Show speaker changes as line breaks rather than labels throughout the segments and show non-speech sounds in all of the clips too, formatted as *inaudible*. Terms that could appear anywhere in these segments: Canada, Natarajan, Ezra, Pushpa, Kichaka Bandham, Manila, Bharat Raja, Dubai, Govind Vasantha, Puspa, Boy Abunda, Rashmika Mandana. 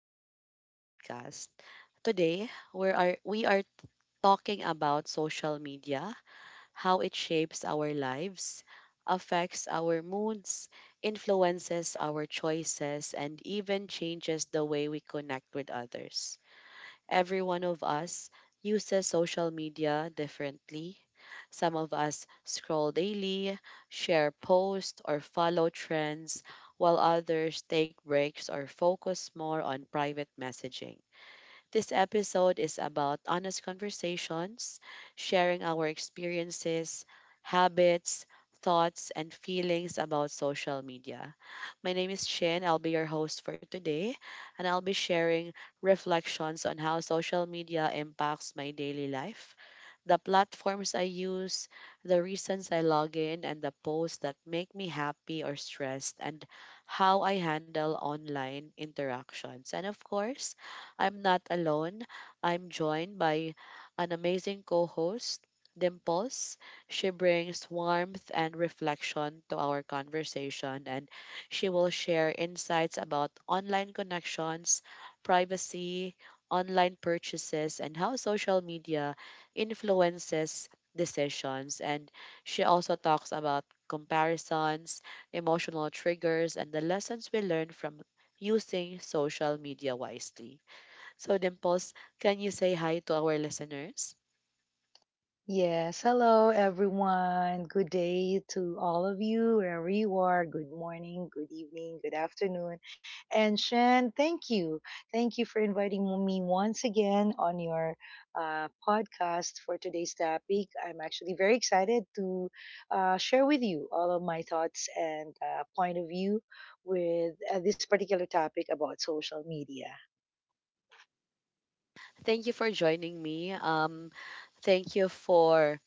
back to our podcast. Today, we are talking about social media, how it shapes our lives, affects our moods, influences our choices, and even changes the way we connect with others. Every one of us uses social media differently. Some of us scroll daily, share posts, or follow trends, while others take breaks or focus more on private messaging. This episode is about honest conversations, sharing our experiences, habits, thoughts, and feelings about social media. My name is Shin. I'll be your host for today, and I'll be sharing reflections on how social media impacts my daily life, the platforms I use, the reasons I log in, and the posts that make me happy or stressed, and how I handle online interactions. And of course, I'm not alone. I'm joined by an amazing co host, Dimples. She brings warmth and reflection to our conversation, and she will share insights about online connections, privacy, online purchases, and how social media influences decisions. And she also talks about comparisons, emotional triggers, and the lessons we learn from using social media wisely. So, Dimples, can you say hi to our listeners?
Yes, hello everyone. Good day to all of you, wherever you are. Good morning, good evening, good afternoon. And Shan, thank you. Thank you for inviting me once again on your podcast for today's topic. I'm actually very excited to share with you all of my thoughts and point of view with this particular topic about social media.
Thank you for joining me. Thank you for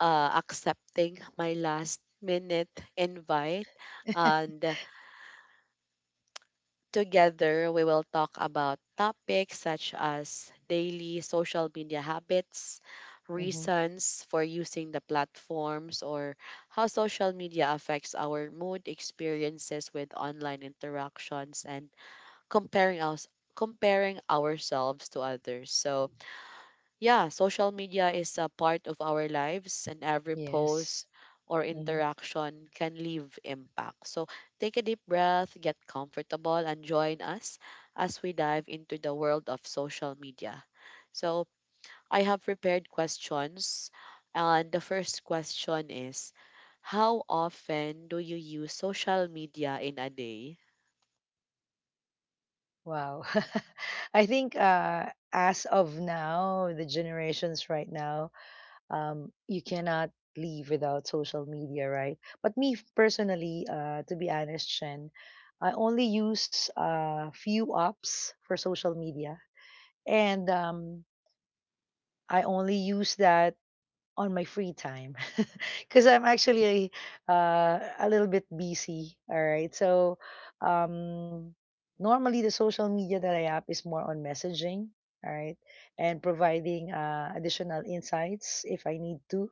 accepting my last minute invite.
*laughs*
And together, we will talk about topics such as daily social media habits,
Hmm.
reasons for using the platforms, or how social media affects our mood, experiences with online interactions, and comparing us comparing ourselves to others. So, yeah, social media is a part of our lives, and every post
Yes.
or
Hmm.
interaction can leave impact. So take a deep breath, get comfortable, and join us as we dive into the world of social media. So I have prepared questions, and the first question is, how often do you use social media in a day?
Wow. *laughs* I think as of now, the generations right now, you cannot live without social media, right? But me personally, to be honest, Shen, I only use few apps for social media, and I only use that on my free time *laughs* because I'm actually a little bit busy. All right. So um, normally the social media that I have is more on messaging. All right. And providing additional insights if I need to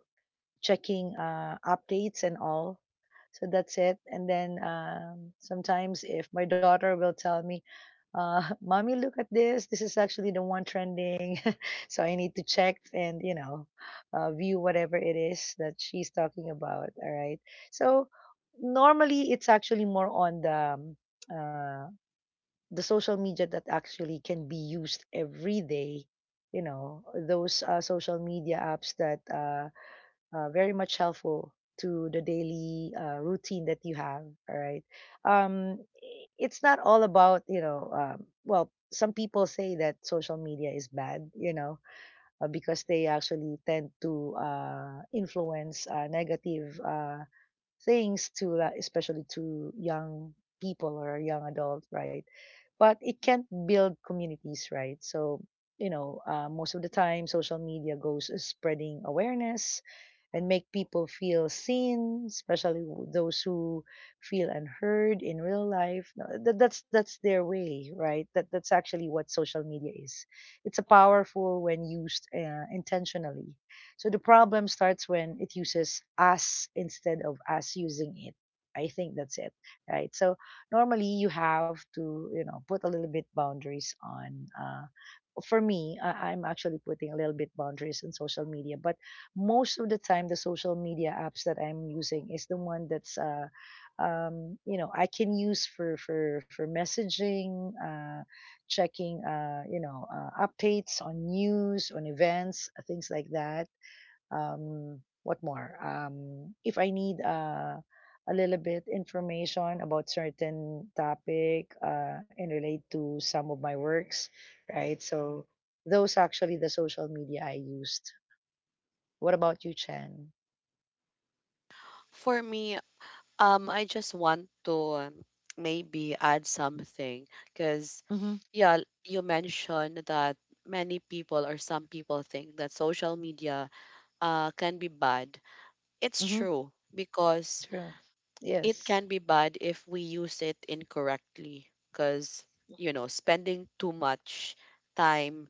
checking updates and all. So that's it. And then sometimes if my daughter will tell me, *laughs* "Mommy, look at this. This is actually the one trending," *laughs* so I need to check and view whatever it is that she's talking about. All right. So normally it's actually more on uh, the social media that actually can be used every day. You know those social media apps that. Very much helpful to the daily routine that you have, all right. um, it's not all about, well, some people say that social media is bad because they actually tend to influence negative things to especially to young people or young adults, right? But it can't build communities, right? So, you know, most of the time, social media goes spreading awareness and make people feel seen, especially those who feel unheard in real life. No. That's their way, right? That's actually what social media is. It's a powerful when used intentionally. So the problem starts when it uses us instead of us using it. I think that's it, right? So normally you have to, you know, put a little bit boundaries on for me. I'm actually putting a little bit boundaries on social media, but most of the time the social media apps that I'm using is the one that's you know, I can use for messaging, checking, updates on news, on events, things like that. What more, if I need a little bit information about certain topic, and relate to some of my works, right? So those actually the social media I used. What about you, Chen?
For me, I just want to maybe add something because,
Mhm.
yeah, you mentioned that many people or some people think that social media can be bad. It's
Mhm.
true because
True.
it
Yes.
can be bad if we use it incorrectly. Because, you know, spending too much time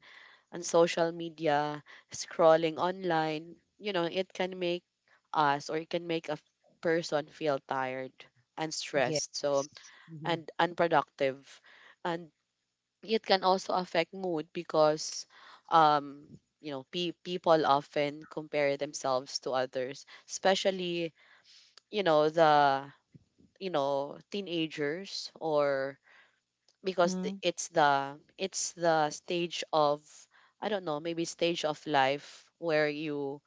on social media, scrolling online, you know, it can make us or it can make a person feel tired and stressed,
Yes.
so
Mhm.
and unproductive. And it can also affect mood because um people often compare themselves to others, especially, the, teenagers, or because the,
Mhm.
it's the stage of, I don't know, maybe stage of life where you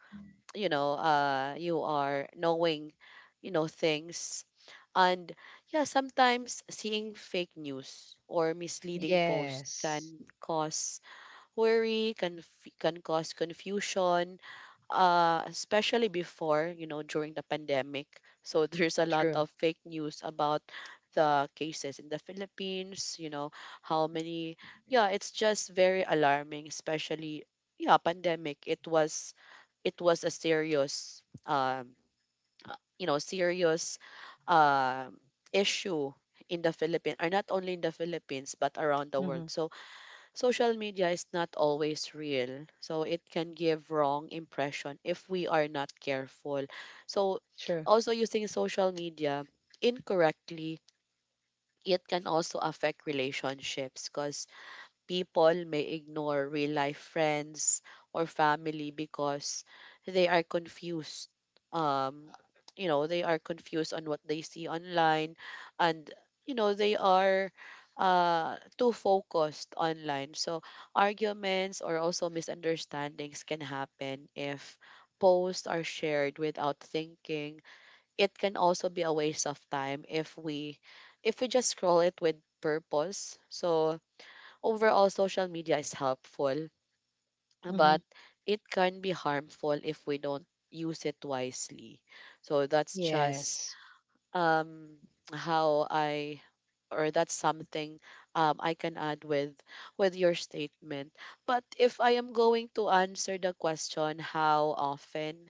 you know you are knowing, things. And yeah, sometimes seeing fake news or misleading posts
Yes.
can cause worry, can cause confusion, especially before, you know, during the pandemic. So *laughs* there's a lot
True.
of fake news about the cases in the Philippines, you know, how many. Yeah, it's just very alarming, especially, yeah, pandemic. It was a serious serious, um issue in the Philippines, or not only in the Philippines but around the
Mhm.
world. So social media is not always real. So it can give wrong impression if we are not careful. So
True.
also using social media incorrectly, it can also affect relationships because people may ignore real life friends or family because they are confused. Um, they are confused on what they see online, and, they are too focused online. So arguments or also misunderstandings can happen if posts are shared without thinking. It can also be a waste of time if we just scroll it with purpose. So overall, social media is helpful,
Mhm.
but it can be harmful if we don't use it wisely. So that's just
Yes.
um, how I, or that's something, I can add with your statement. But if I am going to answer the question, how often?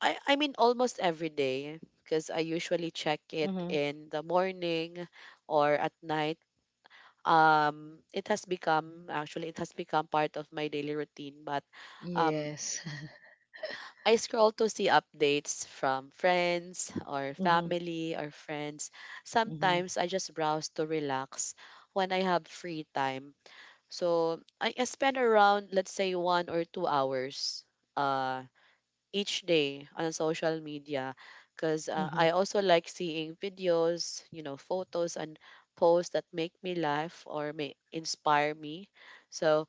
I mean almost every day because I usually check it
Mhm.
in the morning or at night. It has become, actually it has become part of my daily routine, but um
Yes. *laughs*
I scroll to see updates from friends or
Mhm.
family or friends.
Mhm.
Sometimes I just browse to relax when I have free time. So I spend around, let's say, 1 or 2 hours uh each day on social media because,
Mhm.
I also like seeing videos, you know, photos and posts that make me laugh or may inspire me. So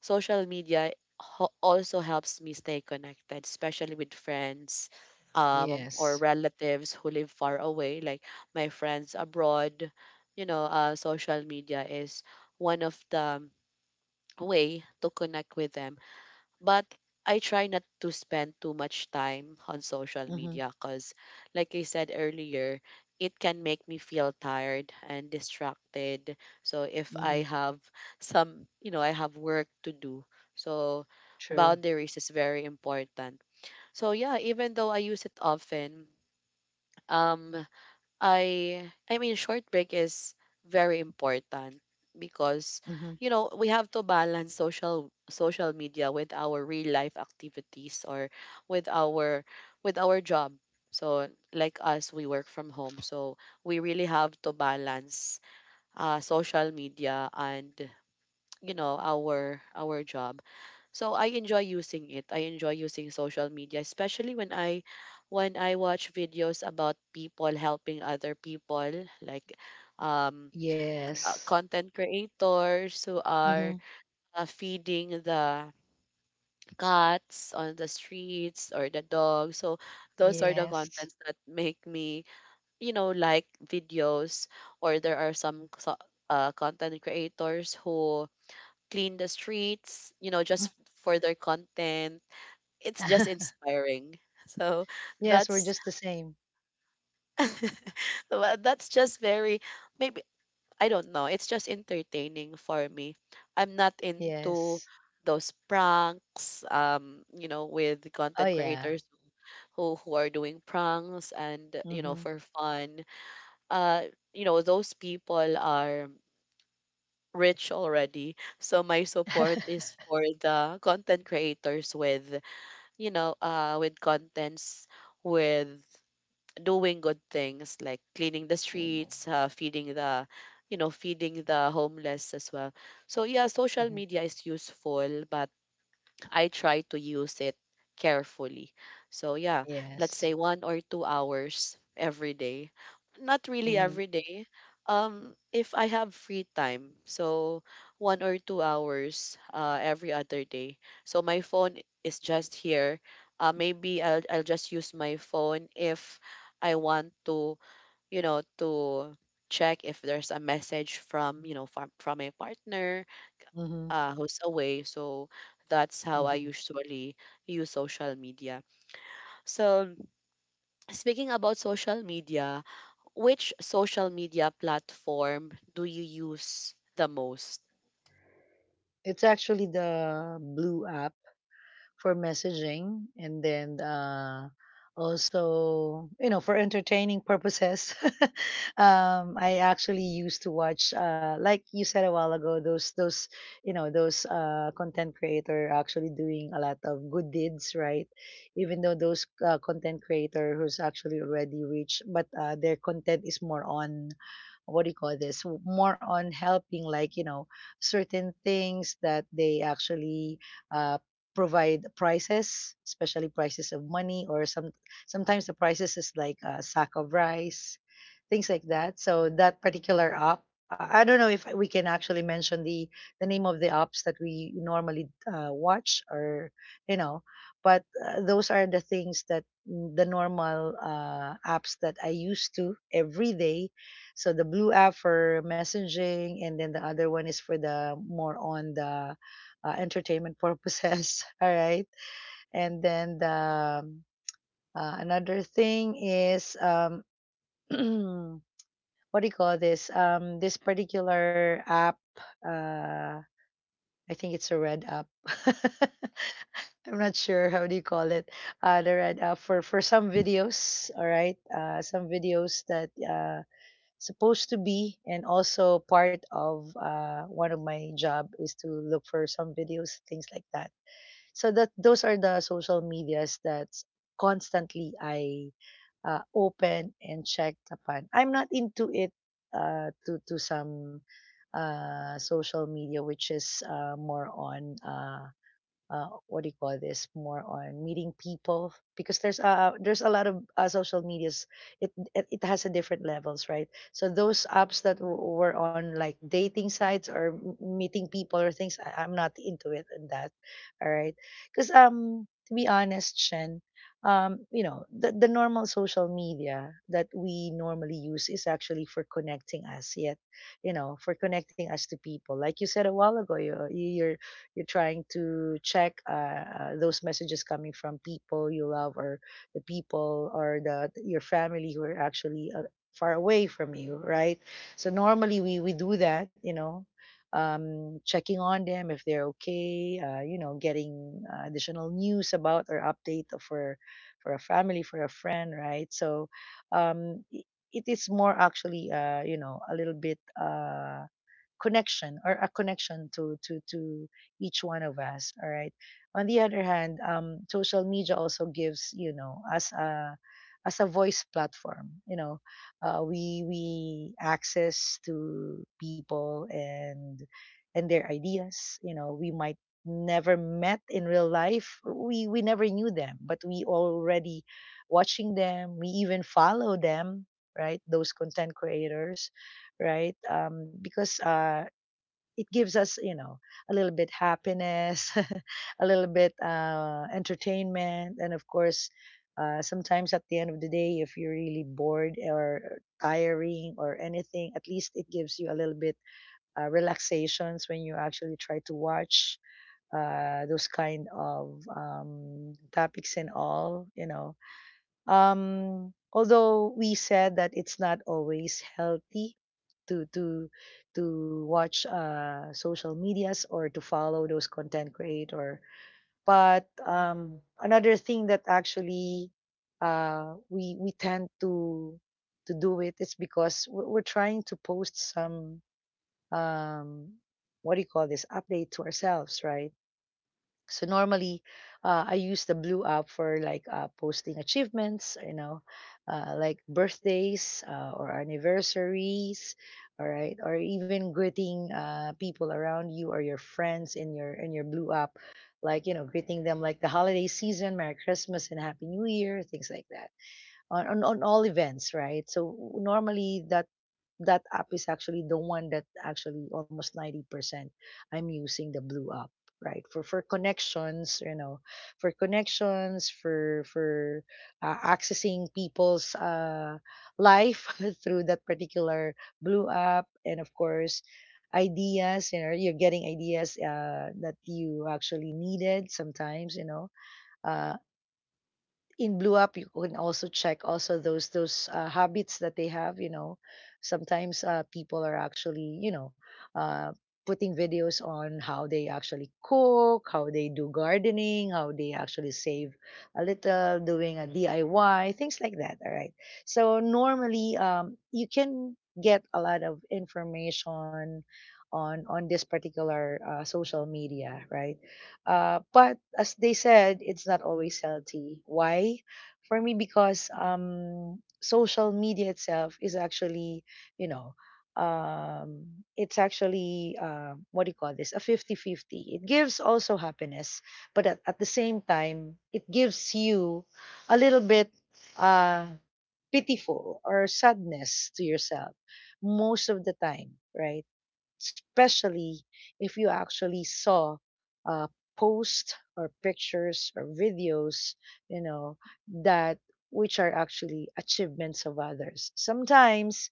social media also helps me stay connected, especially with friends, or
Yes.
relatives who live far away, like my friends abroad. Social media is one of the way to connect with them, but I try not to spend too much time on social
Mhm,
media because, like I said earlier, it can make me feel tired and distracted. So if
mhm.
I have some, I have work to do. So
True.
boundaries is very important. So yeah, even though I use it often, um, I mean short break is very important because,
Mhm.
we have to balance social media with our real life activities, or with our with our job. So like us, we work from home, so we really have to balance, social media and, our job. So I enjoy using it. I enjoy using social media, especially when I watch videos about people helping other people, like, um,
Yes.
content creators who
Mhm.
are, feeding the cats on the streets or the dogs. So those are the
Yes.
contents that make me, like videos. Or there are some, content creators who clean the streets, just
Mhm.
for their content. It's just
*laughs*
inspiring. So
Yes, we're
that's
just the same.
*laughs* well, that's just very, maybe, I don't know. It's just entertaining for me. I'm not into
Yes.
those pranks, with
Oh
content
yeah.
creators who are doing pranks and,
Mhm.
for fun. Uh, those people are rich already. So my
Mhm.
support is for the content creators with, contents, with doing good things like cleaning the streets, feeding the, homeless as well. So yeah, social
*laughs*
media is useful, but I try to use it carefully. So yeah, let's
Yes.
say 1 or 2 hours every day. Not really
Mhm.
every day. If I have free time, so 1 or 2 hours every other day. So my phone is just here. Maybe I'll just use my phone if I want to, to check if there's a message from, a partner,
Mhm.
who's away. So that's how I
Mhm.
usually use social media. So speaking about social media, which social media platform do you use the most?
It's actually the Blue app for messaging, and then also, you know, for entertaining purposes. *laughs* I actually used to watch, like you said a while ago, those you know those content creator actually doing a lot of good deeds, right? Even though those content creator who's actually already rich, but their content is more on, what do you call this, more on helping, like, you know, certain things that they actually uh, provide prices, especially prices of money, or some. Sometimes the prices is like a sack of rice, things like that. So that particular app, I don't know if we can actually mention the name of the apps that we normally watch, or, you know, but those are the things that, mm, the normal apps that I used to every day. So the blue app for messaging, and then the other one is for the more on the entertainment purposes. *laughs* All right. And then um, another thing is, *clears throat* what do you call this? This particular app. Uh, I think it's a red app. *laughs* I'm not sure how do you call it. The red app for some videos. All right. Some videos that. Supposed to be, and also part of one of my job is to look for some videos, things like that. So that those are the social medias that constantly I open and check upon. I'm not into it, to some social media which is more on, what do you call this, more on meeting people, because there's a lot of social medias. It has a different levels, right? So those apps that were on, like dating sites or meeting people or things, I'm not into it, and that, all right. Because, to be honest, Shen, you know, the normal social media that we normally use is actually for connecting us. Yet, you know, for connecting us to people, like you said a while ago, you're you're trying to check, those messages coming from people you love, or the people or the your family who are actually far away from you, right? So normally we do that, you know, checking on them if they're okay, you know, getting additional news about or update for a family, for a friend, right? So, um, i- it is more actually, you know, a little bit connection, or a connection to to each one of us. All right. On the other hand, social media also gives, you know, us a as a voice platform. You know, we access to people and their ideas. You know, we might never met in real life. We never knew them, but we already watching them. We even follow them, right? Those content creators, right? Because it gives us, you know, a little bit happiness *laughs* a little bit entertainment, and of course, sometimes at the end of the day, if you're really bored or tiring or anything, at least it gives you a little bit relaxations when you actually try to watch those kind of topics and all, you know. Although we said that it's not always healthy to to watch social medias or to follow those content creator, but, another thing that actually we tend to do it is because we're trying to post some, um, what do you call this, update to ourselves, right? So normally, I use the blue app for like posting achievements, you know, like birthdays or anniversaries, all right, or even greeting people around you or your friends in your blue app, like, you know, greeting them like the holiday season, Merry Christmas and Happy New Year, things like that. On all events, right? So normally that that app is actually the one that actually almost 90% I'm using the blue app right for connections, you know, for connections for accessing people's life *laughs* through that particular blue app, and of course ideas, you know, you're getting ideas that you actually needed sometimes, you know, uh in Blue Up, you can also check also those habits that they have. You know, sometimes people are actually, you know, uh, putting videos on how they actually cook, how they do gardening, how they actually save a little, doing a DIY, things like that. All right. So normally, you can get a lot of information on this particular social media, right? But as they said, it's not always healthy. Why? For me, because, social media itself is actually, you know, it's actually, what do you call this? A fifty-fifty. It gives also happiness, but at the same time, it gives you a little bit uh, pitiful or sadness to yourself most of the time, right? Especially if you actually saw uh, posts or pictures or videos, you know, that which are actually achievements of others. Sometimes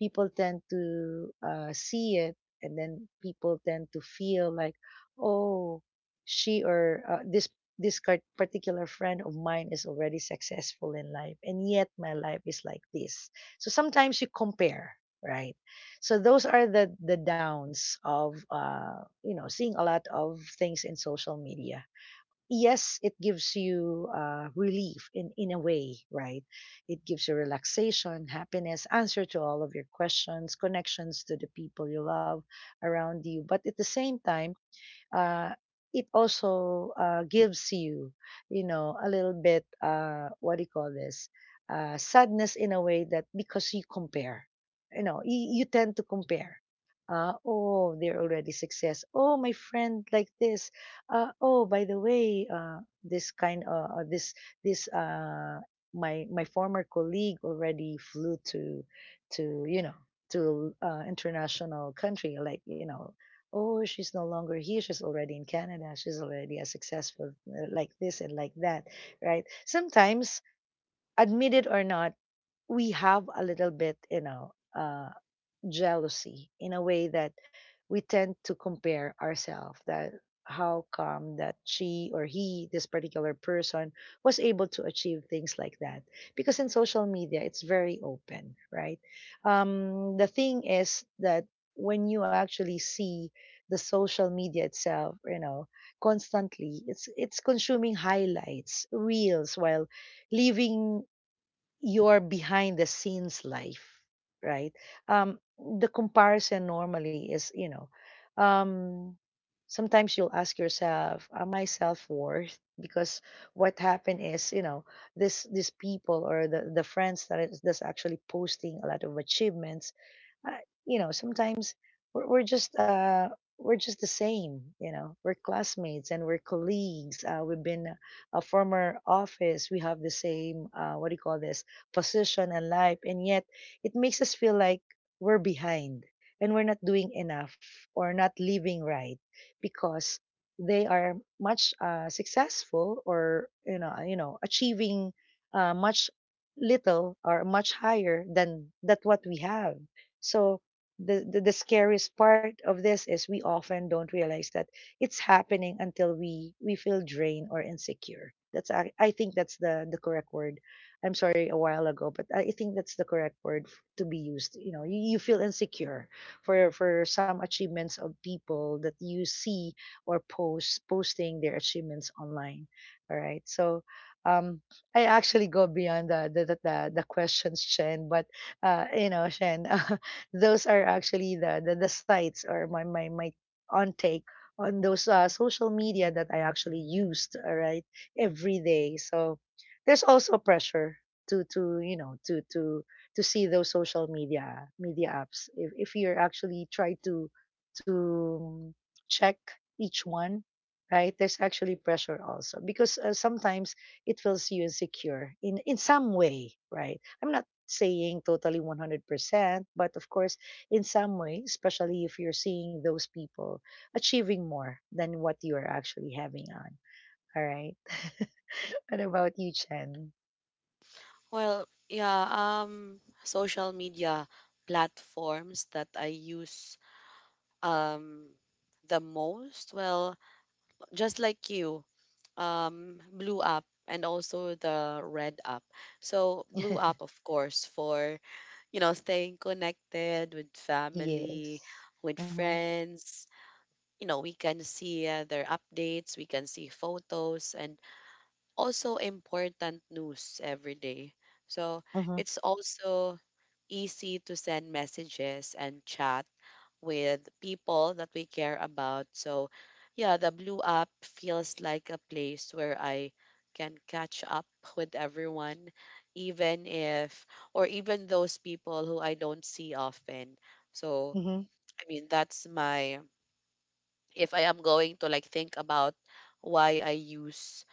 people tend to see it, and then people tend to feel like, oh, she or this particular friend of mine is already successful in life, and yet my life is like this. So sometimes you compare, right? So those are the downs of, you know, seeing a lot of things in social media. Yes, it gives you relief in a way, right? It gives you relaxation, happiness, answer to all of your questions, connections to the people you love around you. But at the same time uh, it also gives you, you know, a little bit, what do you call this, sadness in a way that because you compare, you know, you tend to compare. Oh, they're already success. Oh, my friend like this. Oh, by the way, this kind, this this my former colleague already flew to to you know international country like you know. Oh, she's no longer here. She's already in Canada. She's already a successful like this and like that, right? Sometimes, admit it or not, we have a little bit, you know, jealousy in a way that we tend to compare ourselves that how come that she or he this particular person was able to achieve things like that, because in social media it's very open, right? The thing is that when you actually see the social media itself, you know, constantly it's consuming highlights reels while leaving your behind the scenes life, right? The comparison normally is, you know, um, sometimes you'll ask yourself, am I self worth? Because what happened is, you know, this these people or the friends that's actually posting a lot of achievements, uh, you know, sometimes we're, we're just uh we're just the same, you know. We're classmates and we're colleagues. We've been a former office. We have the same what do you call this? Position and life. And yet, it makes us feel like we're behind and we're not doing enough or not living right, because they are much successful or you know achieving much little or much higher than that what we have. So the scariest part of this is we often don't realize that it's happening until we feel drained or insecure. I think that's the correct word. I'm sorry, a while ago, but I think that's the correct word to be used. You know, you feel insecure for some achievements of people that you see or posting their achievements online. All right, so um, I actually go beyond the questions, Shen, but you know, Shen, *laughs* those are actually the sites or my on take on those social media that I actually used, all right, every day. So there's also pressure to you know to see those social media apps if you're actually try to to mm, check each one, right? There's actually pressure also because sometimes it feels you insecure in some way, right? I'm not saying totally 100%, but of course in some way, especially if you're seeing those people achieving more than what you are actually having, all right. *laughs* What about you, Chen?
Well, yeah, social media platforms that I use um the most. Well, just like you, Blue App and also the Red App. So Blue App,
*laughs*
of course, for, staying connected with
Yes.
family, with
Mhm.
friends. We can see, their updates, we can see photos, and also important news every day. So
Mhm.
it's also easy to send messages and chat with people that we care about. So, yeah, the Blue App feels like a place where I can catch up with everyone, even if, or even those people who I don't see often. So,
Mhm.
I mean, that's my, if I am going to like think about why I use,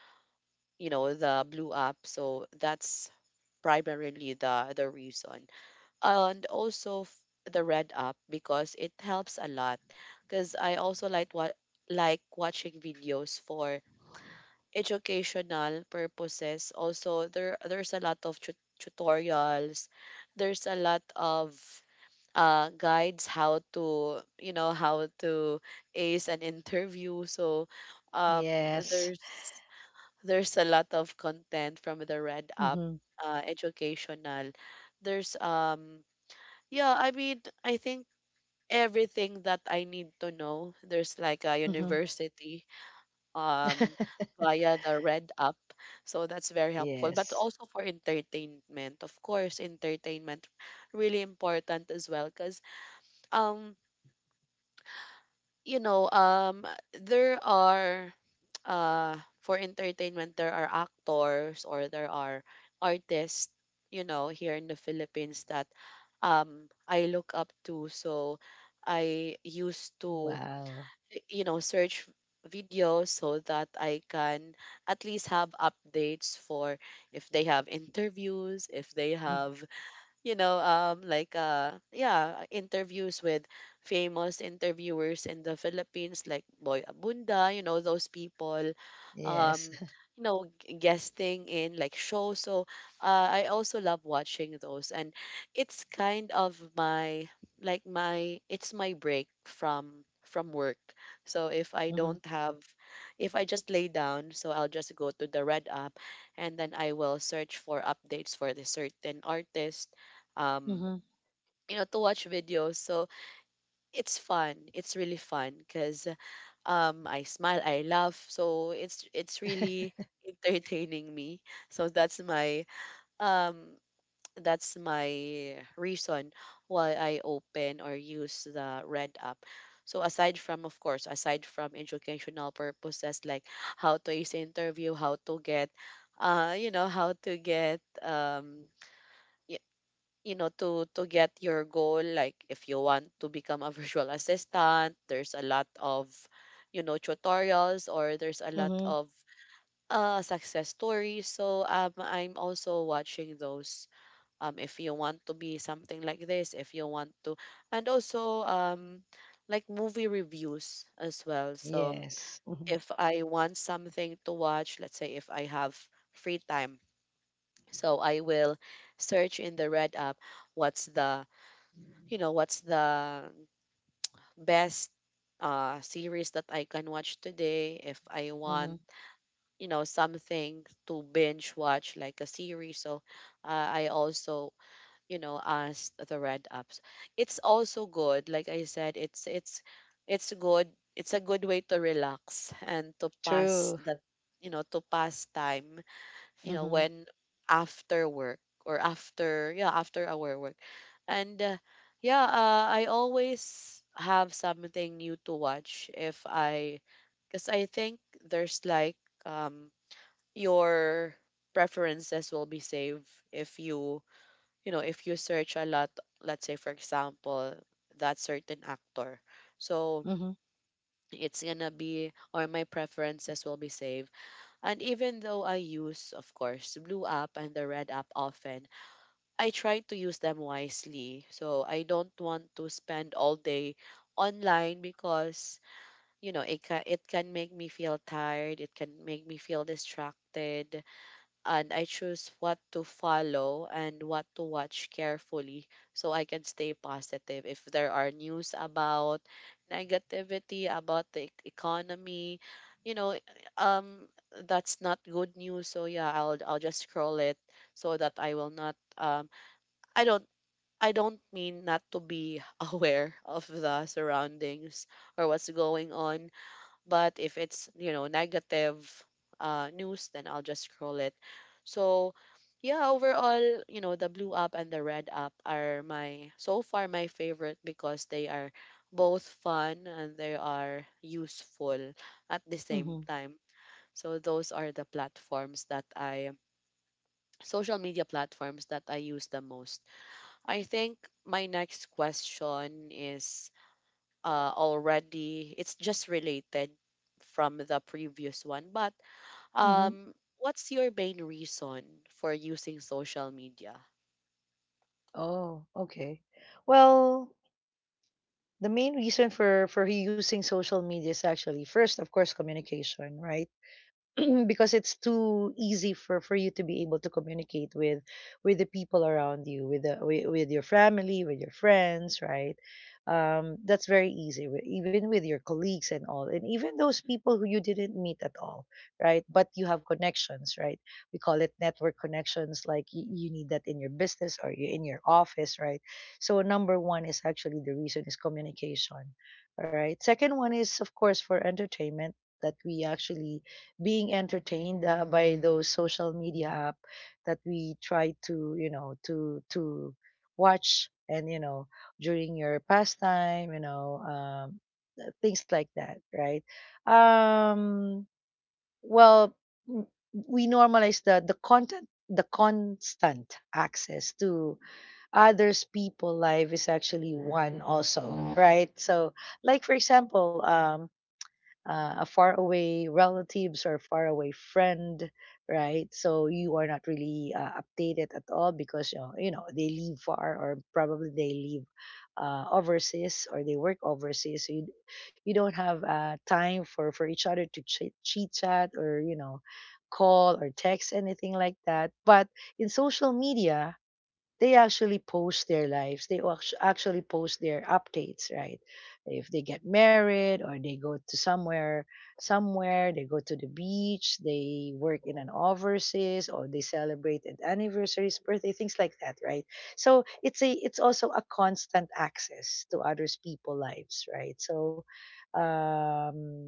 the Blue App. So, that's primarily the reason. And also, the red app, because it helps a lot because I also like what like watching videos for educational purposes. Also, there's a lot of, tutorials, there's a lot of, guides, how to, how to ace an interview. So um
Yes.
there's there's a lot of content from the red app,
Mhm.
educational, there's, yeah, I mean, I think everything that I need to know, there's like a
Mhm.
university, um
*laughs*
via the Red app. So that's very helpful. But
Yes.
also for entertainment, of course, entertainment really important as well because, um you know um there are, for entertainment, there are actors, or there are artists, you know, here in the Philippines that, I look up to. So I used to,
Wow.
search videos so that I can at least have updates for if they have interviews, if they
Mhm.
have, like, yeah, interviews with famous interviewers in the Philippines, like Boy Abunda, you know, those people,
Yes.
um,
*laughs*
guesting in like shows. So, I also love watching those, and it's kind of my like my it's my break from work. So if I
Mhm.
don't have, if I just lay down, so I'll just go to the Red app and then I will search for updates for the certain artist, um,
Mhm.
to watch videos. So it's fun. It's really fun because, I smile, I laugh. So it's really entertaining me. So um, that's my reason why I open or use the Red app. So aside from, of course, aside from educational purposes like how to ace interview, how to get, how to get you know to get your goal, like if you want to become a *laughs* virtual assistant, there's a lot of tutorials, or there's a lot
Mhm. *laughs*
of success stories, so I'm also watching those. If you want to be something like this, if you want to, and also like movie reviews as well. So
Yes. Mhm.
if I want something to watch, let's say if I have free time, so I will search in the Red app what's the what's the best series that I can watch today if I
Mhm.
want, something to binge watch like a series. So I also, asked the Red ups. It's also good. Like I said, it's it's good. It's a good way to relax and to pass
True.
the you know to pass time
Mhm.
when after work, or after, yeah, after our work. And yeah, I always have something new to watch if I, because I think there's like, um, your preferences will be saved if you, if you search a lot, let's say, for example, that certain actor. So,
Mhm.
it's gonna be, or my preferences will be saved. And even though I use, of course, Blue app and the Red app often, I try to use them wisely. So I don't want to spend all day online because, you know, it can make me feel tired, it can make me feel distracted, and I choose what to follow and what to watch carefully so I can stay positive. If there are news about negativity, about the economy, you know, um, that's not good news. So yeah, I'll just scroll it so that I will not. I don't. I don't mean not to be *laughs* aware of the surroundings or what's going on, but if it's, you know, negative news, then I'll just scroll it. So, yeah, overall, you know, the Blue app and the Red app are my, so far, my favorite because they are both fun and they are useful at the same
Mhm.
time. So, those are the platforms that I, social media platforms that I use the most. I think my next question is already. It's just related from the previous one. But
Mhm.
what's your main reason for using social media?
Oh, okay. Well, the main reason for using social media is actually first, of course, communication, right? *clears throat* Because it's too easy for you to be able to communicate with the people around you, with with your family, with your friends, right? That's very easy, even with your colleagues and all, and even those people who you didn't meet at all, right? But you have connections, right? We call it network connections. Like you need that in your business or you in your office, right? So number one is actually the reason is communication. All right, second one is of course for entertainment, that we actually being entertained by those social media app that we try to you know to watch, and you know during your pastime, you know, things like that, right? um well m- we normalize the content, the constant access to others people life is actually one also, right? So like for example a faraway relatives or faraway friend, right? So you are not really updated at all because you know they live far, or probably they live overseas or they work overseas. So you don't have time for each other to chit chat, or you know call or text anything like that. But in social media, they actually post their lives. They actually post their updates, right? If they get married, or they go to somewhere, somewhere they go to the beach, they work in an overseas, or they celebrate an anniversaries, birthday, things like that, right? So it's a it's also a constant access to others' people lives, right? So um,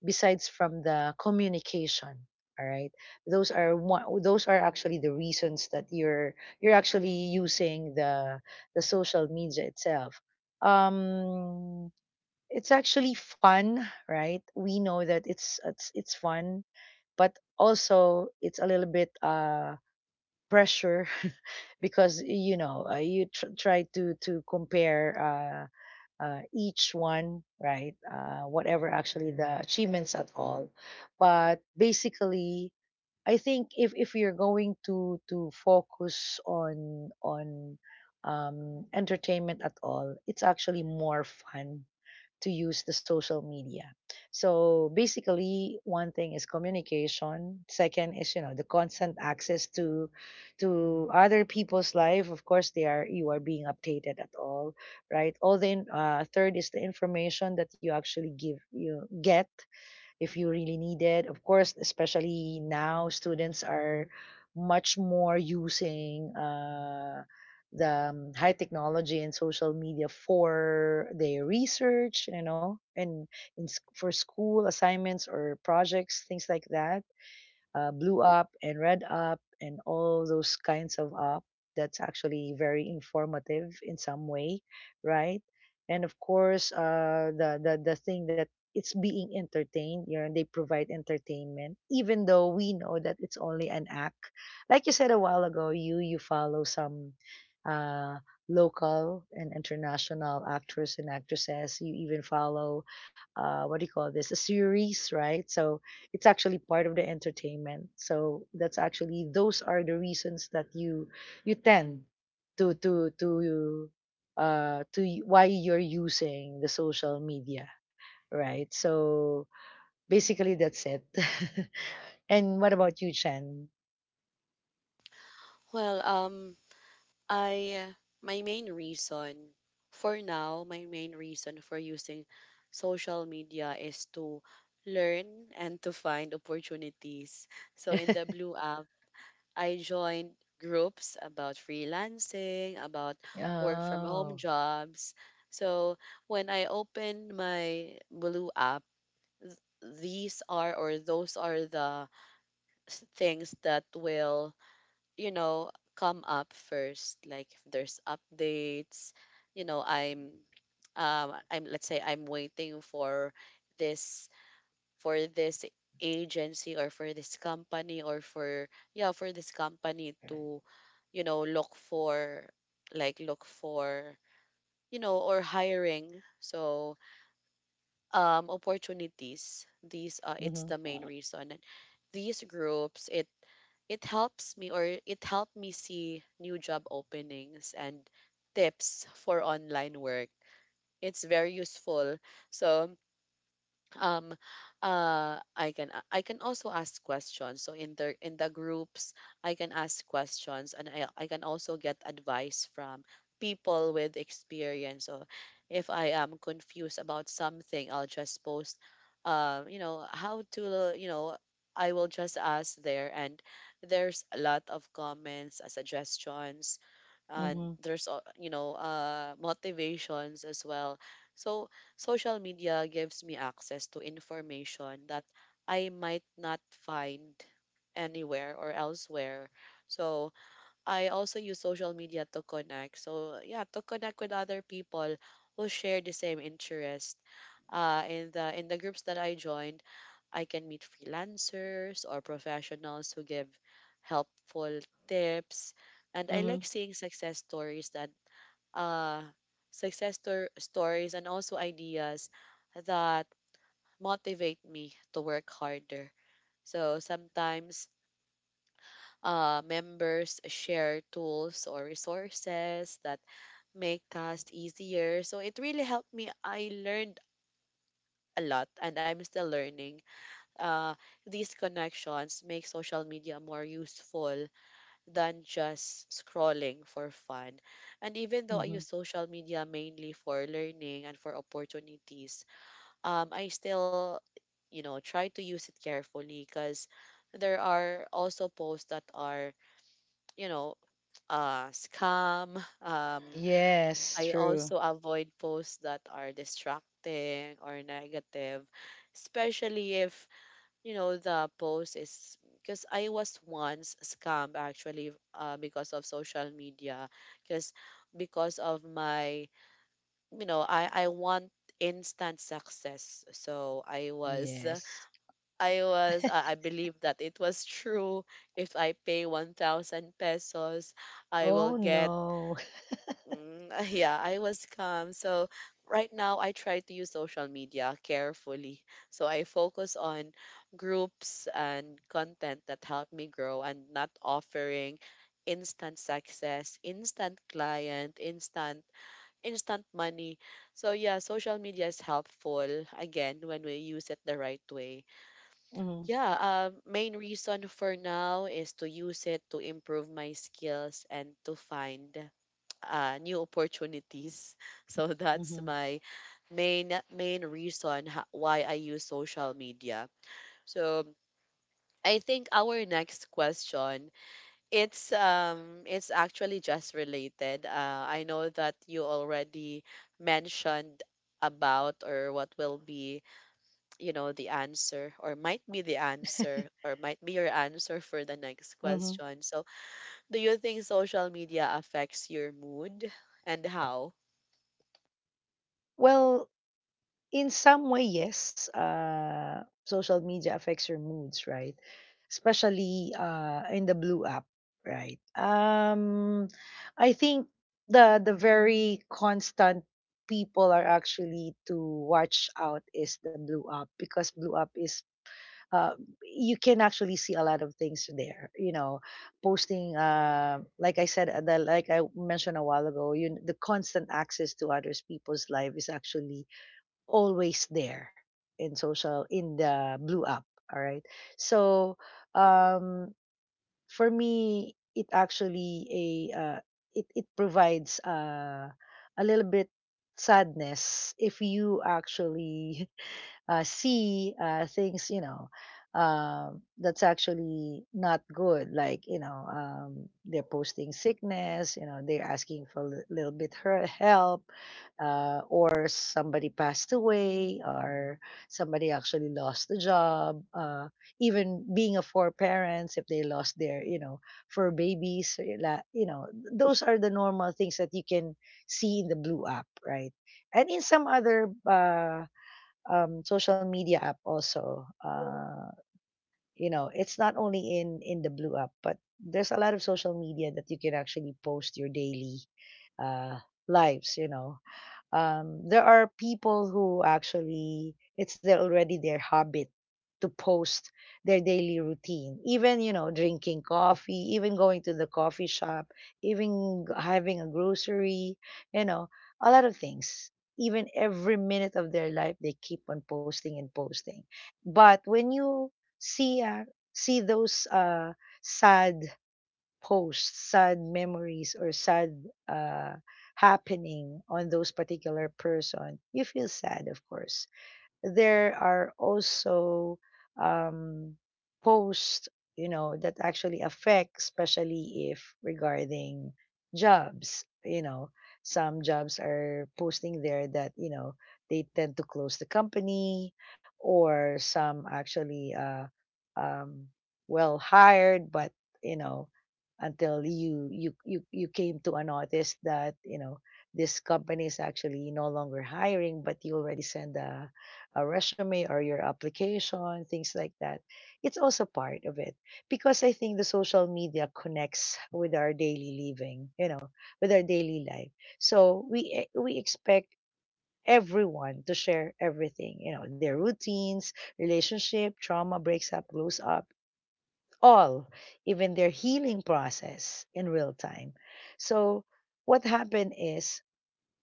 besides from the communication, all right, those are one, those are actually the reasons that you're actually using the social media itself. um it's actually fun, right? We know that it's fun, but also it's a little bit pressure, *laughs* because you know you try to compare each one, right? Whatever actually the achievements at all. But basically, I think if you're going to focus on entertainment at all, it's actually more fun to use the social media. So basically, one thing is communication. Second is you know the constant access to other people's life. Of course, they are you are being updated at all, right? Third is the information that you actually give you get if you really need it. Of course, especially now, students are much more using the high technology and social media for their research, you know, and in, for school assignments or projects, things like that, blue up and red up and all those kinds of up. That's actually very informative in some way, right? And of course, the thing that it's being entertained, you know, they provide entertainment, even though we know that it's only an act. Like you said a while ago, you follow some uh, local and international actors and actresses. You even follow what do you call this? A series, right? So it's actually part of the entertainment. So that's actually those are the reasons that you tend to to to why you're using the social media, right? So basically that's it. *laughs* And what about you, Chen?
Well, I my main reason for now, my main reason for using social media is to learn and to find opportunities. So in the
*laughs*
Blue app, I joined groups about freelancing, about work from home
Oh.
jobs. So when I opened my Blue app, these are, or those are the things that will, you know, come up first. Like if there's updates, you know, I'm let's say I'm waiting for this this agency, or for this company, or for yeah for this company to, you know, look for, like look for, you know, or hiring. So opportunities, these it's
Mhm.
the main reason. And these groups it it helps me, or it helped me see new job openings and tips for online work. It's very useful. So um I can I can also ask questions, so in the groups I can ask questions, and I can also get advice from people with experience. So if I am confused about something, I'll just post, you know how to you know I will just ask there, and there's a lot of comments, suggestions, uh,
Mhm.
there's you know motivations as well. So social media gives me access to information that I might not find anywhere or elsewhere. So I also use social media to connect, so yeah, to connect with other people who share the same interest. In the groups that I joined, I can meet freelancers or professionals who give helpful tips. And I like
Mhm.
seeing success stories that uh stories, and also ideas that motivate me to work harder. So sometimes members share tools or resources that make tasks easier. So it really helped me. I learned a lot and I'm still learning. uh, these connections make social media more useful than just scrolling for fun. And even though I
Mhm.
use social media mainly for learning and for opportunities, I still, you know, try to use it carefully because there are also posts that are, you know, scam. *laughs*
Yes,
I
true.
also avoid posts that are distracting or negative, especially if you know the post is, because I was once scammed actually because of social media, because because of my, you know, I want instant success. So I was *laughs*
Yes.
I believe that it was true, if I pay 1000 pesos I will
Oh
get.
no. *laughs*
Mm, *laughs* yeah, I was calm. So right now I try to use social media carefully. So I focus on groups and content that help me grow, and not offering instant success, instant client, instant instant money. So yeah, social media is helpful again when we use it the right way.
Mhm.
Yeah, main reason for now is to use it to improve my skills and to find new opportunities. *laughs* So that's
Mhm.
my main reason why I use social media. So I think our next question, it's actually just related. I know that you already mentioned about, or what will be, you know, the answer, or might be the answer, or might be your answer for the next
Mhm.
question. So do you think social media affects your mood and how?
*laughs* Well, in some way, yes, social media affects your moods, right? Especially in the blue app, right? I think the very constant people are actually to watch out is the blue app, because blue app is uh, you can actually see a lot of things there. You know, posting like I said, like I mentioned a while ago, you the constant access to others people's life is actually always there in social in the blue app, all right. So um for me it actually a it it provides a little bit sadness if you actually see things, you know, that's actually not good. Like, you know, they're posting sickness, you know, they're asking for a little bit her help, or somebody passed away, or somebody actually lost a job. Even being a four parents, if they lost their, you know, four babies, eh, you know, those are the normal things that you can see in the blue app, right? And in some other social media app also. You know, it's not only in the Blue app, but there's a lot of social media that you can actually post your daily uh, lives. You know, there are people who actually it's their already their habit to post their daily routine, even you know drinking coffee, even going to the coffee shop, even having a grocery, you know, a lot of things. Even every minute of their life, they keep on posting and posting. But when you see those sad post sad memories or sad uh, happening on those particular person, you feel sad, of course. There are also um, posts, you know, that actually affect, especially if regarding jobs. You know, some jobs are posting there that you know they tend to close the company, or some actually um, well hired, but you know, until you came to a notice that you know this company is actually no longer hiring, but you already send a resume or your application, things like that. It's also part of it because I think the social media connects with our daily living, you know, with our daily life. So we expect everyone to share everything, you know, their routines, relationship, trauma, breaks up, glows up, all, even their healing process in real time. So what happened is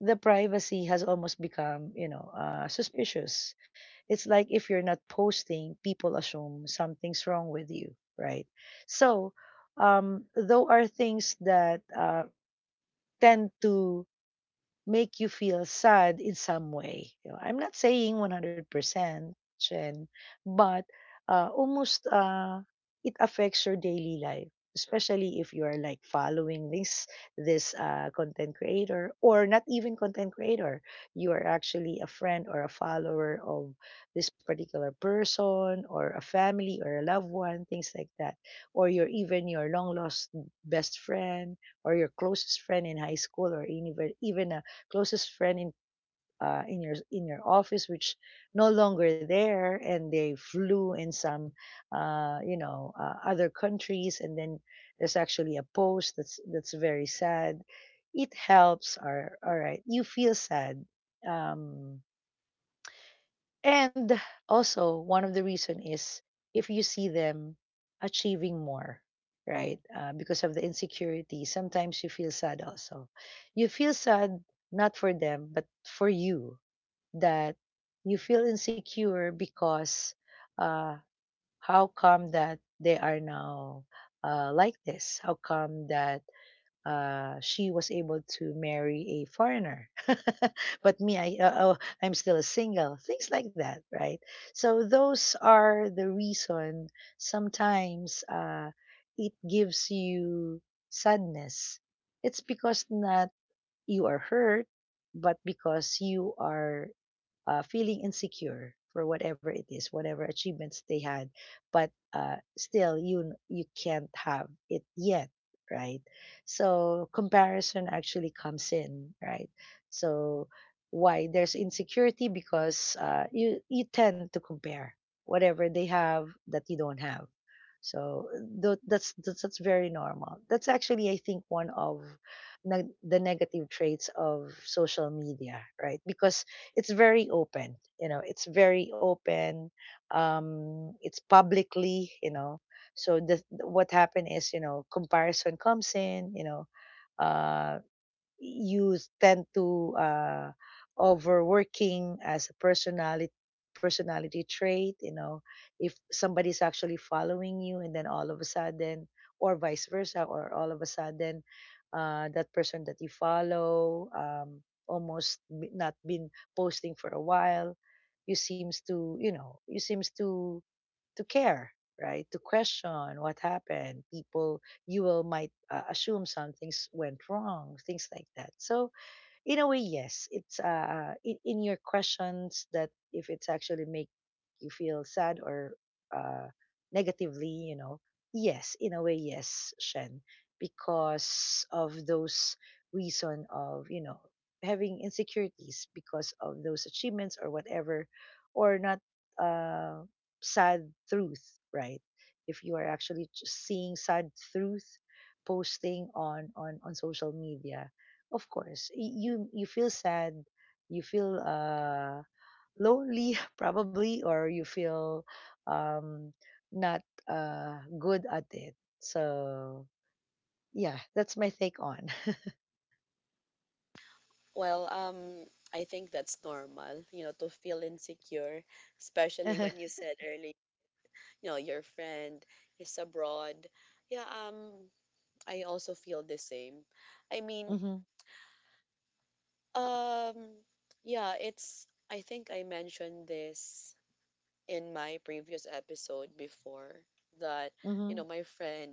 the privacy has almost become, suspicious. It's like if you're not posting, people assume something's wrong with you, right? So though are things that tend to make you feel sad in some way. You know, I'm not saying 100%, Chen, but almost it affects your daily life, especially if you are like following this content creator or not even content creator. You are actually a friend or a follower of this particular person or a family or a loved one, things like that. Or you're even your long lost best friend or your closest friend in high school or even closest friend in your office which no longer there, and they flew in some other countries. And then there's actually a post that's very sad. It helps, or all right, you feel sad. Um and Also, one of the reason is if you see them achieving more, right? Because of the insecurity, sometimes you feel sad also. You feel sad not for them, but for you, that you feel insecure because uh, how come that they are now like this? How come that she was able to marry a foreigner? *laughs* But me, I'm still a single, things like that, right? So those are the reason sometimes it gives you sadness. It's because not you are hurt, but because you are feeling insecure for whatever it is, whatever achievements they had. But still you can't have it yet, right? So comparison actually comes in, right? So why there's insecurity? Because you tend to compare whatever they have that you don't have. So that's very normal. That's actually, I think, one of the negative traits of social media, right? Because it's very open, you know, it's very open, um, it's publicly, you know. So the what happened is, you know, comparison comes in, you know. Uh you tend to overworking as a personality personality trait, you know. If somebody's actually following you, and then all of a sudden, or vice versa, or all of a sudden, that person that you follow, almost not been posting for a while, you seems to, you know, you seems to care, right? To question what happened. People, you will might assume some things went wrong, things like that. So in a way, yes. It's uh, in your questions that if it's actually make you feel sad or uh negatively, you know. Yes, in a way, yes, Shen, because of those reason of, you know, having insecurities because of those achievements or whatever, or not uh sad truth, right? If you are actually just seeing sad truth posting on on social media, of course, you feel sad, you feel lonely *laughs* probably, or you feel um, not good at it. So yeah, that's my take on.
Well, I think that's normal, you know, to feel insecure, especially when you
*laughs*
said earlier, you know, your friend is abroad. Yeah, I also feel the same. I mean,
Mm-hmm,
um, yeah, it's, I think I mentioned this in my previous episode before that, you know,
mm-hmm.
my friend,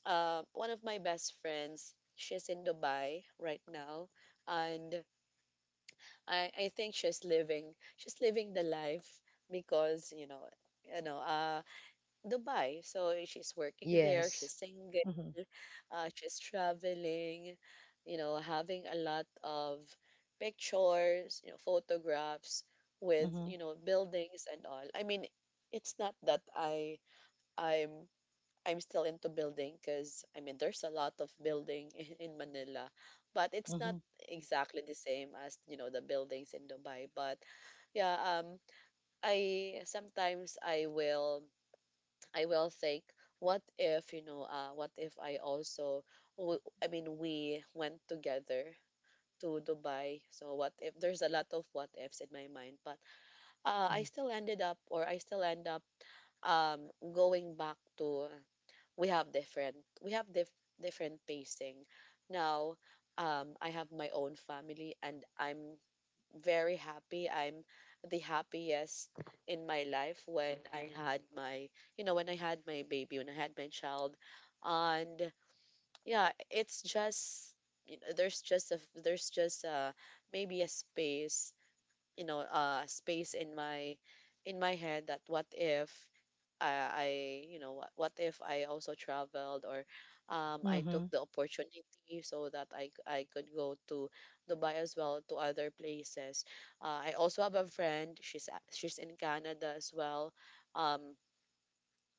one of my best friends, she's in Dubai right now, and I think she's living the life because you know you know uh Dubai. So eh, she's working there. She's
Yes.
single.
Mm-hmm,
She's traveling. You know, having a lot of pictures, you know, photographs with,
mm-hmm,
you know, buildings and all. I mean, it's not that I'm I'm still into building, because I mean there's a lot of building *laughs* in Manila, but it's not
mm-hmm,
exactly the same as, you know, the buildings in Dubai. But yeah, I sometimes I will think what if, you know, what if I also I mean we went together to Dubai. So what if, there's a lot of what ifs in my mind. But I
mm-hmm,
still ended up, or I still end up going back to, we have different, we have dif- different pacing now. I have my own family, and I'm very happy. I'm the happiest in my life when I had my, you know, when I had my baby, when I had my child. And yeah, it's just, you know, there's just a maybe a space, you know, a space in my head, that what if, I, you know, what if I also traveled, or I took
mm-hmm.
the opportunity so that I could go to Dubai as well, to other places. I also have a friend, she's in Canada as well. Um,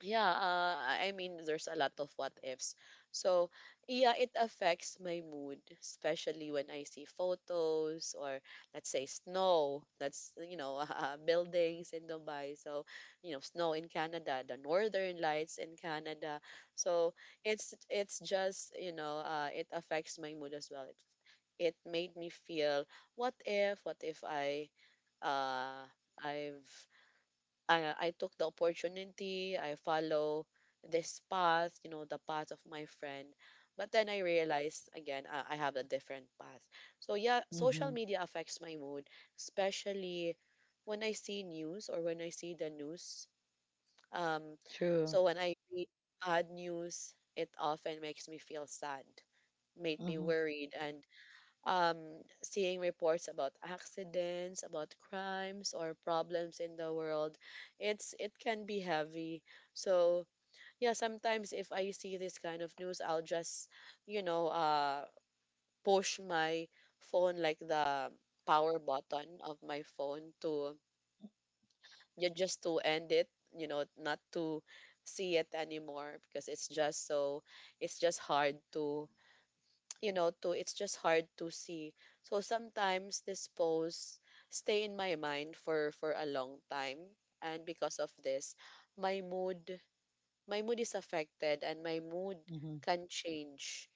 yeah, I mean, there's a lot of what ifs. So, yeah, it affects my mood, especially when I see photos, or let's say snow. That's, you know, *laughs* buildings in Dubai. So, you know, snow in Canada, the northern lights in Canada. So, it's just, you know, it affects my mood as well. It made me feel what if uh I've I took the opportunity. I follow this path, you know, the path of my friend. But then I realized again, I have a different path. So yeah,
Mm-hmm.
social media affects my mood, especially when I see news, or when I see the news. Um,
True.
so when I read bad news, it often makes me feel sad, made me
Mm-hmm,
worried, and seeing reports about accidents, about crimes or problems in the world, it's it can be heavy. So yeah, sometimes if I see this kind of news, I'll just, you know uh, push my phone, like the power button of my phone, to yeah, just to end it. You know, not to see it anymore, because it's just so, it's just hard to, it's just hard to see. So sometimes these posts stay in my mind for a long time, and because of this, my mood my mood is affected, and my mood
mm-hmm,
can change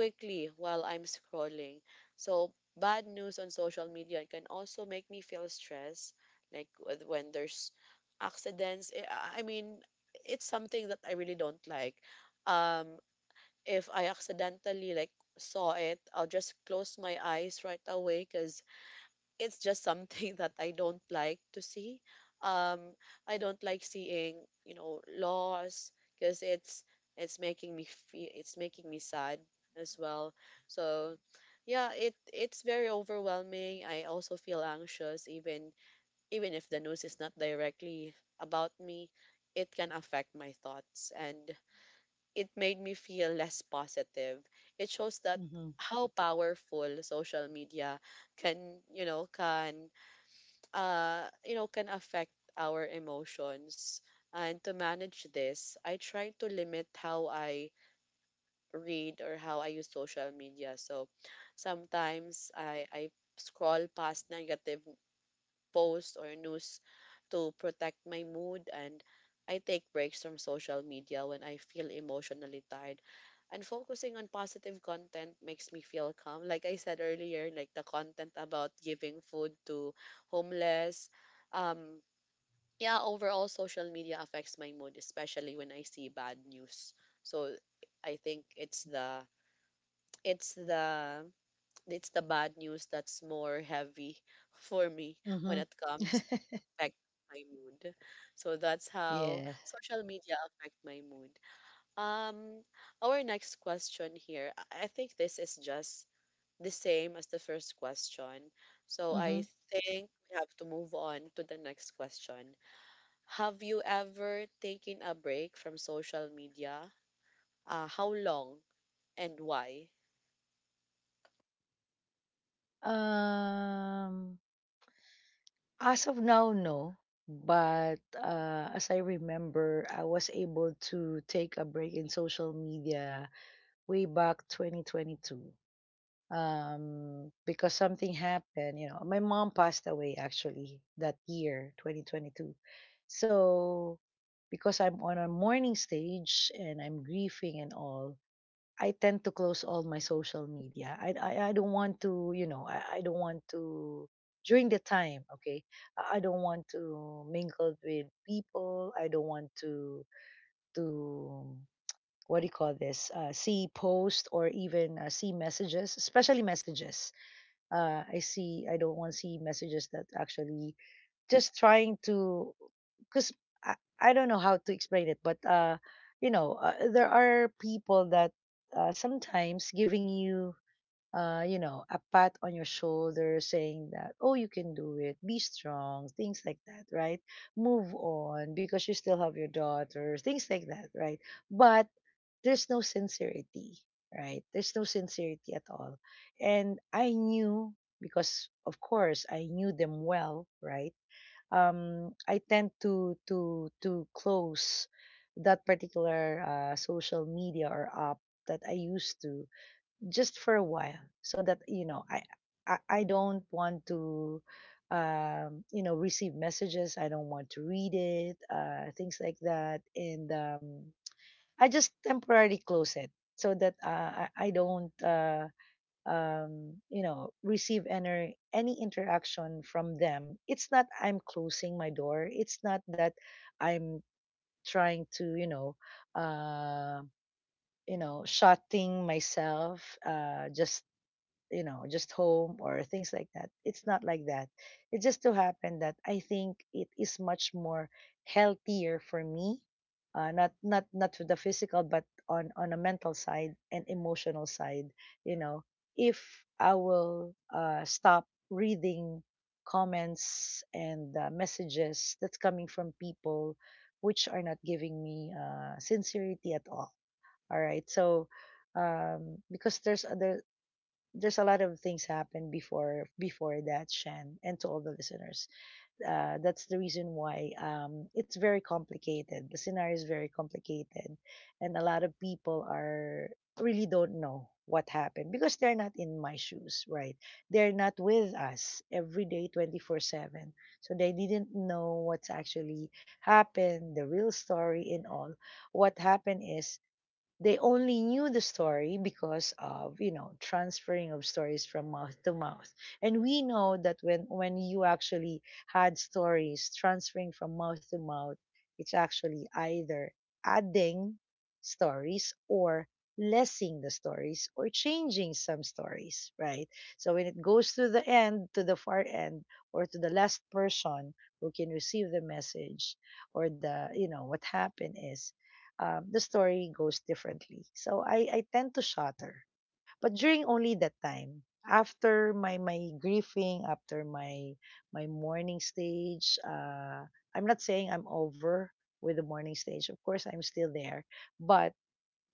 quickly while I'm scrolling. So bad news on social media can also make me feel stress, like when there's accidents. I mean, it's something that I really don't like. Um, if I accidentally like saw it, I'll just close my eyes right away because it's just something *laughs* that I don't like to see. Um, I don't like seeing loss because it's making me feel it's Making me sad as well. So yeah, it's very overwhelming. I also feel anxious even if the news is not directly about me. It can affect my thoughts and it made me feel less positive. It shows that
mm-hmm,
how powerful social media can, you know, can can affect our emotions. And to manage this, I try to limit how I read or how I use social media. So sometimes I scroll past negative posts or news to protect my mood, and I take breaks from social media when I feel emotionally tired. And focusing on positive content makes me feel calm. Like I said earlier, like the content about giving food to homeless. Um, yeah, overall, social media affects my mood, especially when I see bad news. So I think it's the it's the bad news that's more heavy *laughs* for me when
mm-hmm.
it comes to
*laughs*
affect my mood. So that's how
Yeah.
social media affect my mood. Um, our next question here, I think this is just the same as the first question. So I
Mm-hmm.
think we have to move on to the next question. Have you ever taken a break from social media? How long and why?
Um, as of now, no. But as I remember, I was able to take a break in social media way back 2022, because something happened. You know, my mom passed away actually that year, 2022. So because I'm on a mourning stage and I'm grieving and all, I tend to close all my social media. I don't want to, you know, I don't want to, during the time, okay, I don't want to mingle with people. I don't want to, what do you call this? See post or even see messages, especially messages. I don't want to see messages that actually just trying to, because I don't know how to explain it, but there are people that sometimes giving you, you know a pat on your shoulder, saying that, oh, you can do it, be strong, things like that, right? Move on, because you still have your daughter, things like that, right? But there's no sincerity, right? There's no sincerity at all. And I knew, because of course I knew them well, right? Um, I tend to to close that particular social media or app that I used to, just for a while, so that, you know, I don't want to, you know, receive messages. I don't want to read it, things like that. And I just temporarily close it, so that I don't, you know, receive any interaction from them. It's not I'm closing my door. It's not that I'm trying to, uh, you know, shutting myself, just, you know, just home or things like that. It's not like that. It just so happened that I think it is much more healthier for me, not to the physical, but on a mental side and emotional side. You know, if I will stop reading comments and messages that's coming from people which are not giving me sincerity at all. All right, so because there's other, there's a lot of things happened before that, Shan, and to all the listeners, that's the reason why it's very complicated, the scenario is very complicated, and a lot of people are really don't know what happened, because they're not in my shoes, right? They're not with us every day 24/7. So they didn't know what's actually happened, the real story and all. What happened is they only knew the story because of, you know, transferring of stories from mouth to mouth. And we know that when, you actually had stories transferring from mouth to mouth, it's actually either adding stories or lessing the stories or changing some stories, right? So when it goes to the end, to the far end, or to the last person who can receive the message, or the, you know, what happened is, the story goes differently. So I tend to shudder. But during only that time, after my grieving, after my mourning stage, I'm not saying I'm over with the mourning stage, of course, I'm still there. But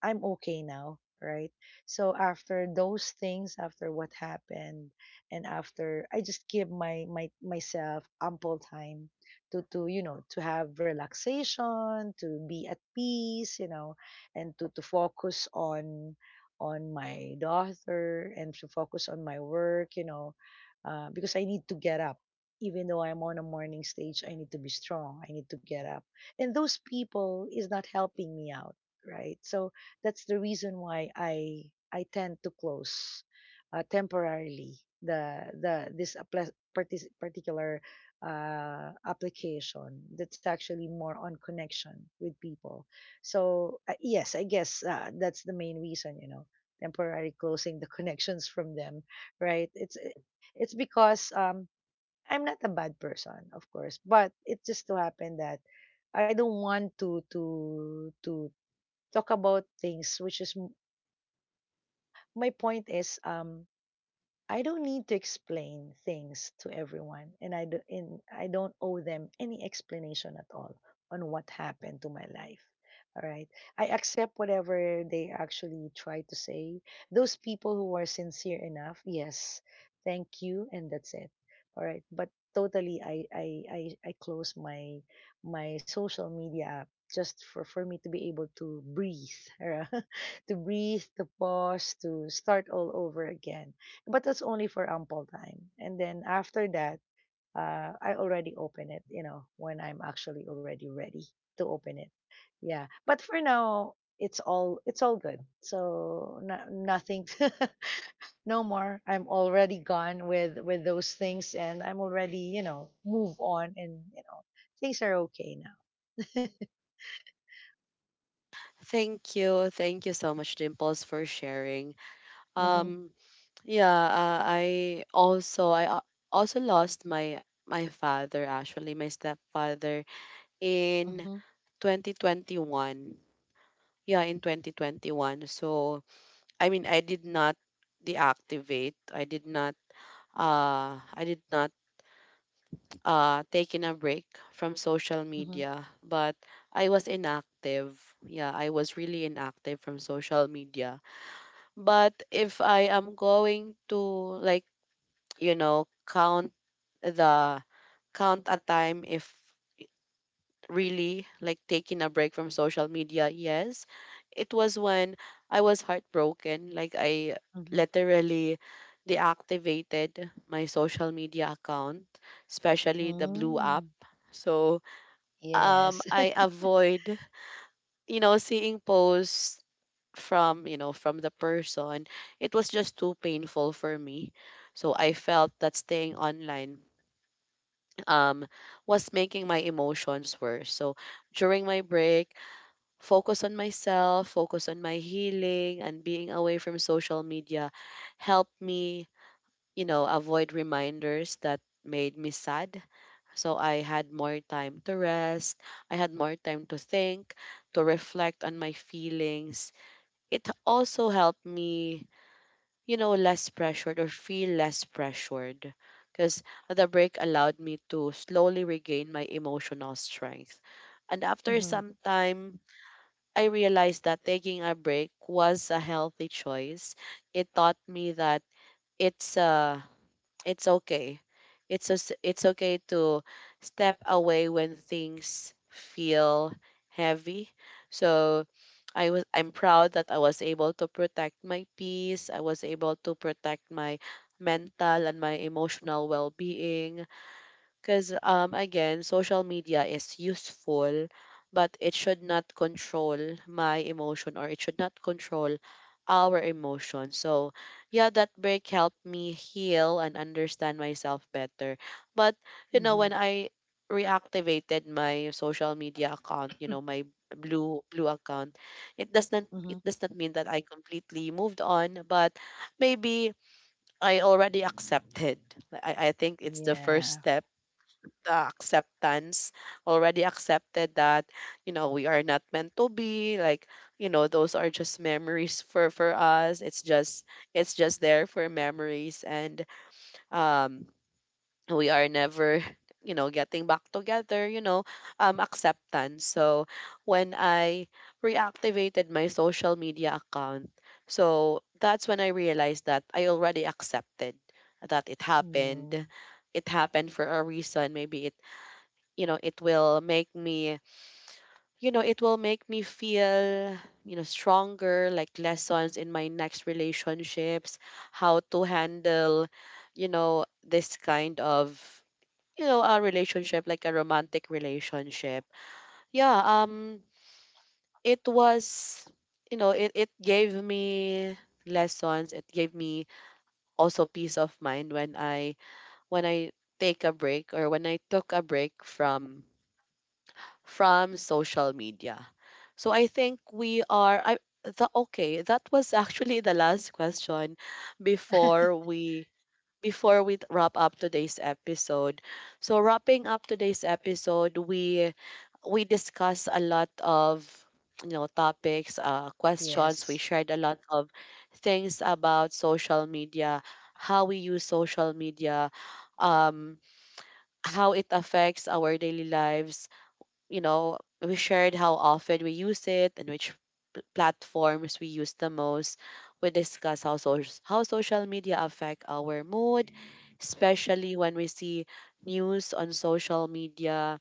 I'm okay now, right? So after those things, after what happened, and after I just give my my myself ample time to you know, to have relaxation, to be at peace, you know, and to focus on my daughter and to focus on my work, you know, because I need to get up. Even though I'm on a morning stage, I need to be strong. I need to get up. And those people is not helping me out, right? So that's the reason why I tend to close, temporarily, the particular, application that's actually more on connection with people. So yes, I guess that's the main reason, you know, temporarily closing the *laughs* connections from them, right? It's because I'm not a bad person, of course, but it just so happened that I don't want to to talk about things, which is, my point is, um, I don't need to explain things to everyone, and I do, and I don't owe them any explanation at all on what happened to my life. All right, I accept whatever they actually try to say. Those people who are sincere enough, yes, thank you, and that's it. All right, but totally, I close my my social media app, just for me to be able to breathe, *laughs* to breathe, to pause, to start all over again. But that's only for ample time. And then after that, I already open it, you know, when I'm actually already ready to open it. Yeah. But for now, it's all, it's all good. So no, nothing *laughs* no more. I'm already gone with those things, and I'm already, you know, move on, and you know, things are okay now. *laughs*
Thank you. Thank you so much, Dimples, for sharing.
Mhm.
Um, yeah, I also I also lost my father actually, my stepfather in
Mhm.
2021. Yeah, in 2021. So, I mean, I did not deactivate. I did not taking a break from social
Mhm.
media, but I was inactive. Yeah, I was really inactive from social media. But if I am going to like you know count the count a time if really like taking a break from social media, yes, it was when I was heartbroken, like I
Mhm.
literally deactivated my social media account, especially the blue app.
Mm.
So
Yes.
um, I
*laughs*
avoid you know seeing posts from you know from the person. It was just too painful for me, so I felt that staying online um, was making my emotions worse. So during my break, focus on myself, focus on my healing, and being away from social media helped me, you know, avoid reminders that made me sad. So I had more time to rest, I had more time to think, to reflect on my feelings. It also helped me you know, less pressured or feel less pressured. Because the break allowed me to slowly regain my emotional strength. And after
Mhm.
some time, I realized that taking a break was a healthy choice. It taught me that it's a it's okay. It's okay to step away when things feel heavy. So I'm proud that I was able to protect my peace. I was able to protect my mental and my emotional well-being. Because again, social media is useful, but it should not control my emotion, or it should not control our emotion. So yeah, that break helped me heal and understand myself better. But you know, when
Mhm.
I reactivated my social media account, you know,
*laughs*
my blue account, it does not
Mhm.
it does not mean that I completely moved on, but maybe I already accepted. I think it's the first
Yeah.
step, the acceptance. Already accepted that you know we are not meant to be, like, you know, those are just memories for us. It's just it's just there for memories. And um, we are never you know getting back together, you know. Um, acceptance. So when I reactivated my social media account, so that's when I realized that I already accepted that it happened.
Mm,
It happened for a reason. Maybe you know it will make me, you know, it will make me feel you know stronger, like lessons in my next relationships, how to handle you know this kind of you know a relationship, like a romantic relationship. Yeah. Um, it was you know it gave me lessons. It gave me also peace of mind when I take a break, or when I took a break from social media. So I think we are I the okay, that was actually the last question before we before we wrap up today's episode. So wrapping up today's episode, we discussed a lot of you know topics, questions, we
yes.
shared a lot of things about social media, how we use social media, um how it affects our daily lives. You know, we shared how often we use it and which platforms we use the most. We discuss how social media affect our mood, especially when we see news on social media,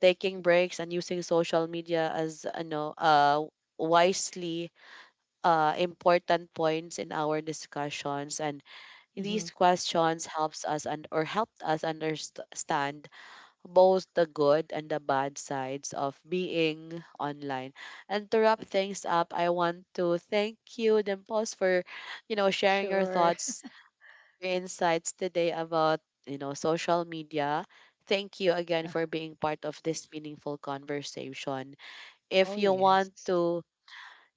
taking breaks and using social media as, you know, wisely, important points in our discussions. And
Mm-hmm.
these questions helps us, and or helped us understand both the good and the bad sides of being online. And to wrap things up, I want to thank you, Dimples, for you know sharing your
Sure.
thoughts, your insights today about you know social media. Thank you again for
*laughs*
being part of this meaningful conversation.
Oh,
If you want
yes.
to,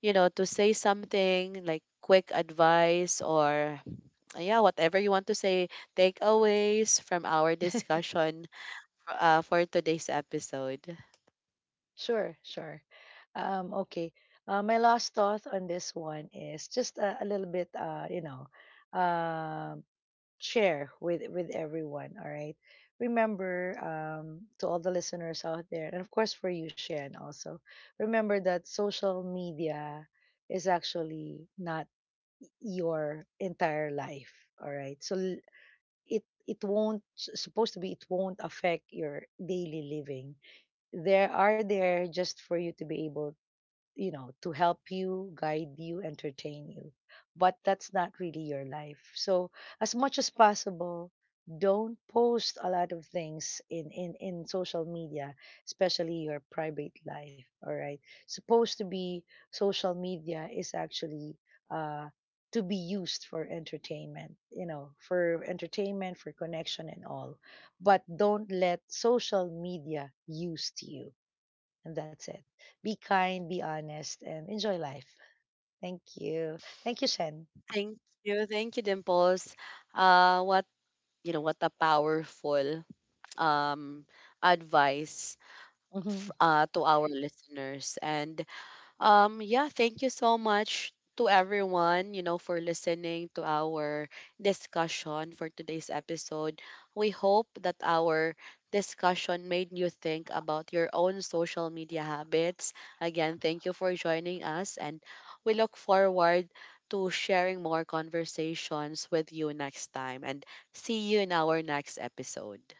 you know, to say something like quick advice or yeah, whatever you want to say, takeaways from our
*laughs*
discussion for today's episode.
Sure, sure. Okay. My last thought on this one is just a little bit, you know, um, share with everyone. All right. Remember, to all the listeners out there, and of course for you, Shan, also, remember that social media is actually not your entire life. All right. So it won't, supposed to be, it won't affect your daily living. There are there just for you to be able, you know, to help you, guide you, entertain you. But that's not really your life. So as much as possible, don't post a lot of things in social media, especially your private life. All right. Supposed to be, social media is actually, uh, to be used for entertainment, you know, for entertainment, for connection and all. But don't let social media use you, and that's it. Be kind, be honest, and enjoy life. Thank you. Thank you, Shen.
Thank you. Thank you, Dimples. What you know, what a powerful um advice
*laughs*
to our listeners. And yeah, thank you so much to everyone, you know, for listening to our discussion for today's episode. We hope that our discussion made you think about your own social media habits. Again, thank you for joining us, and we look forward to sharing more conversations with you next time. And see you in our next episode.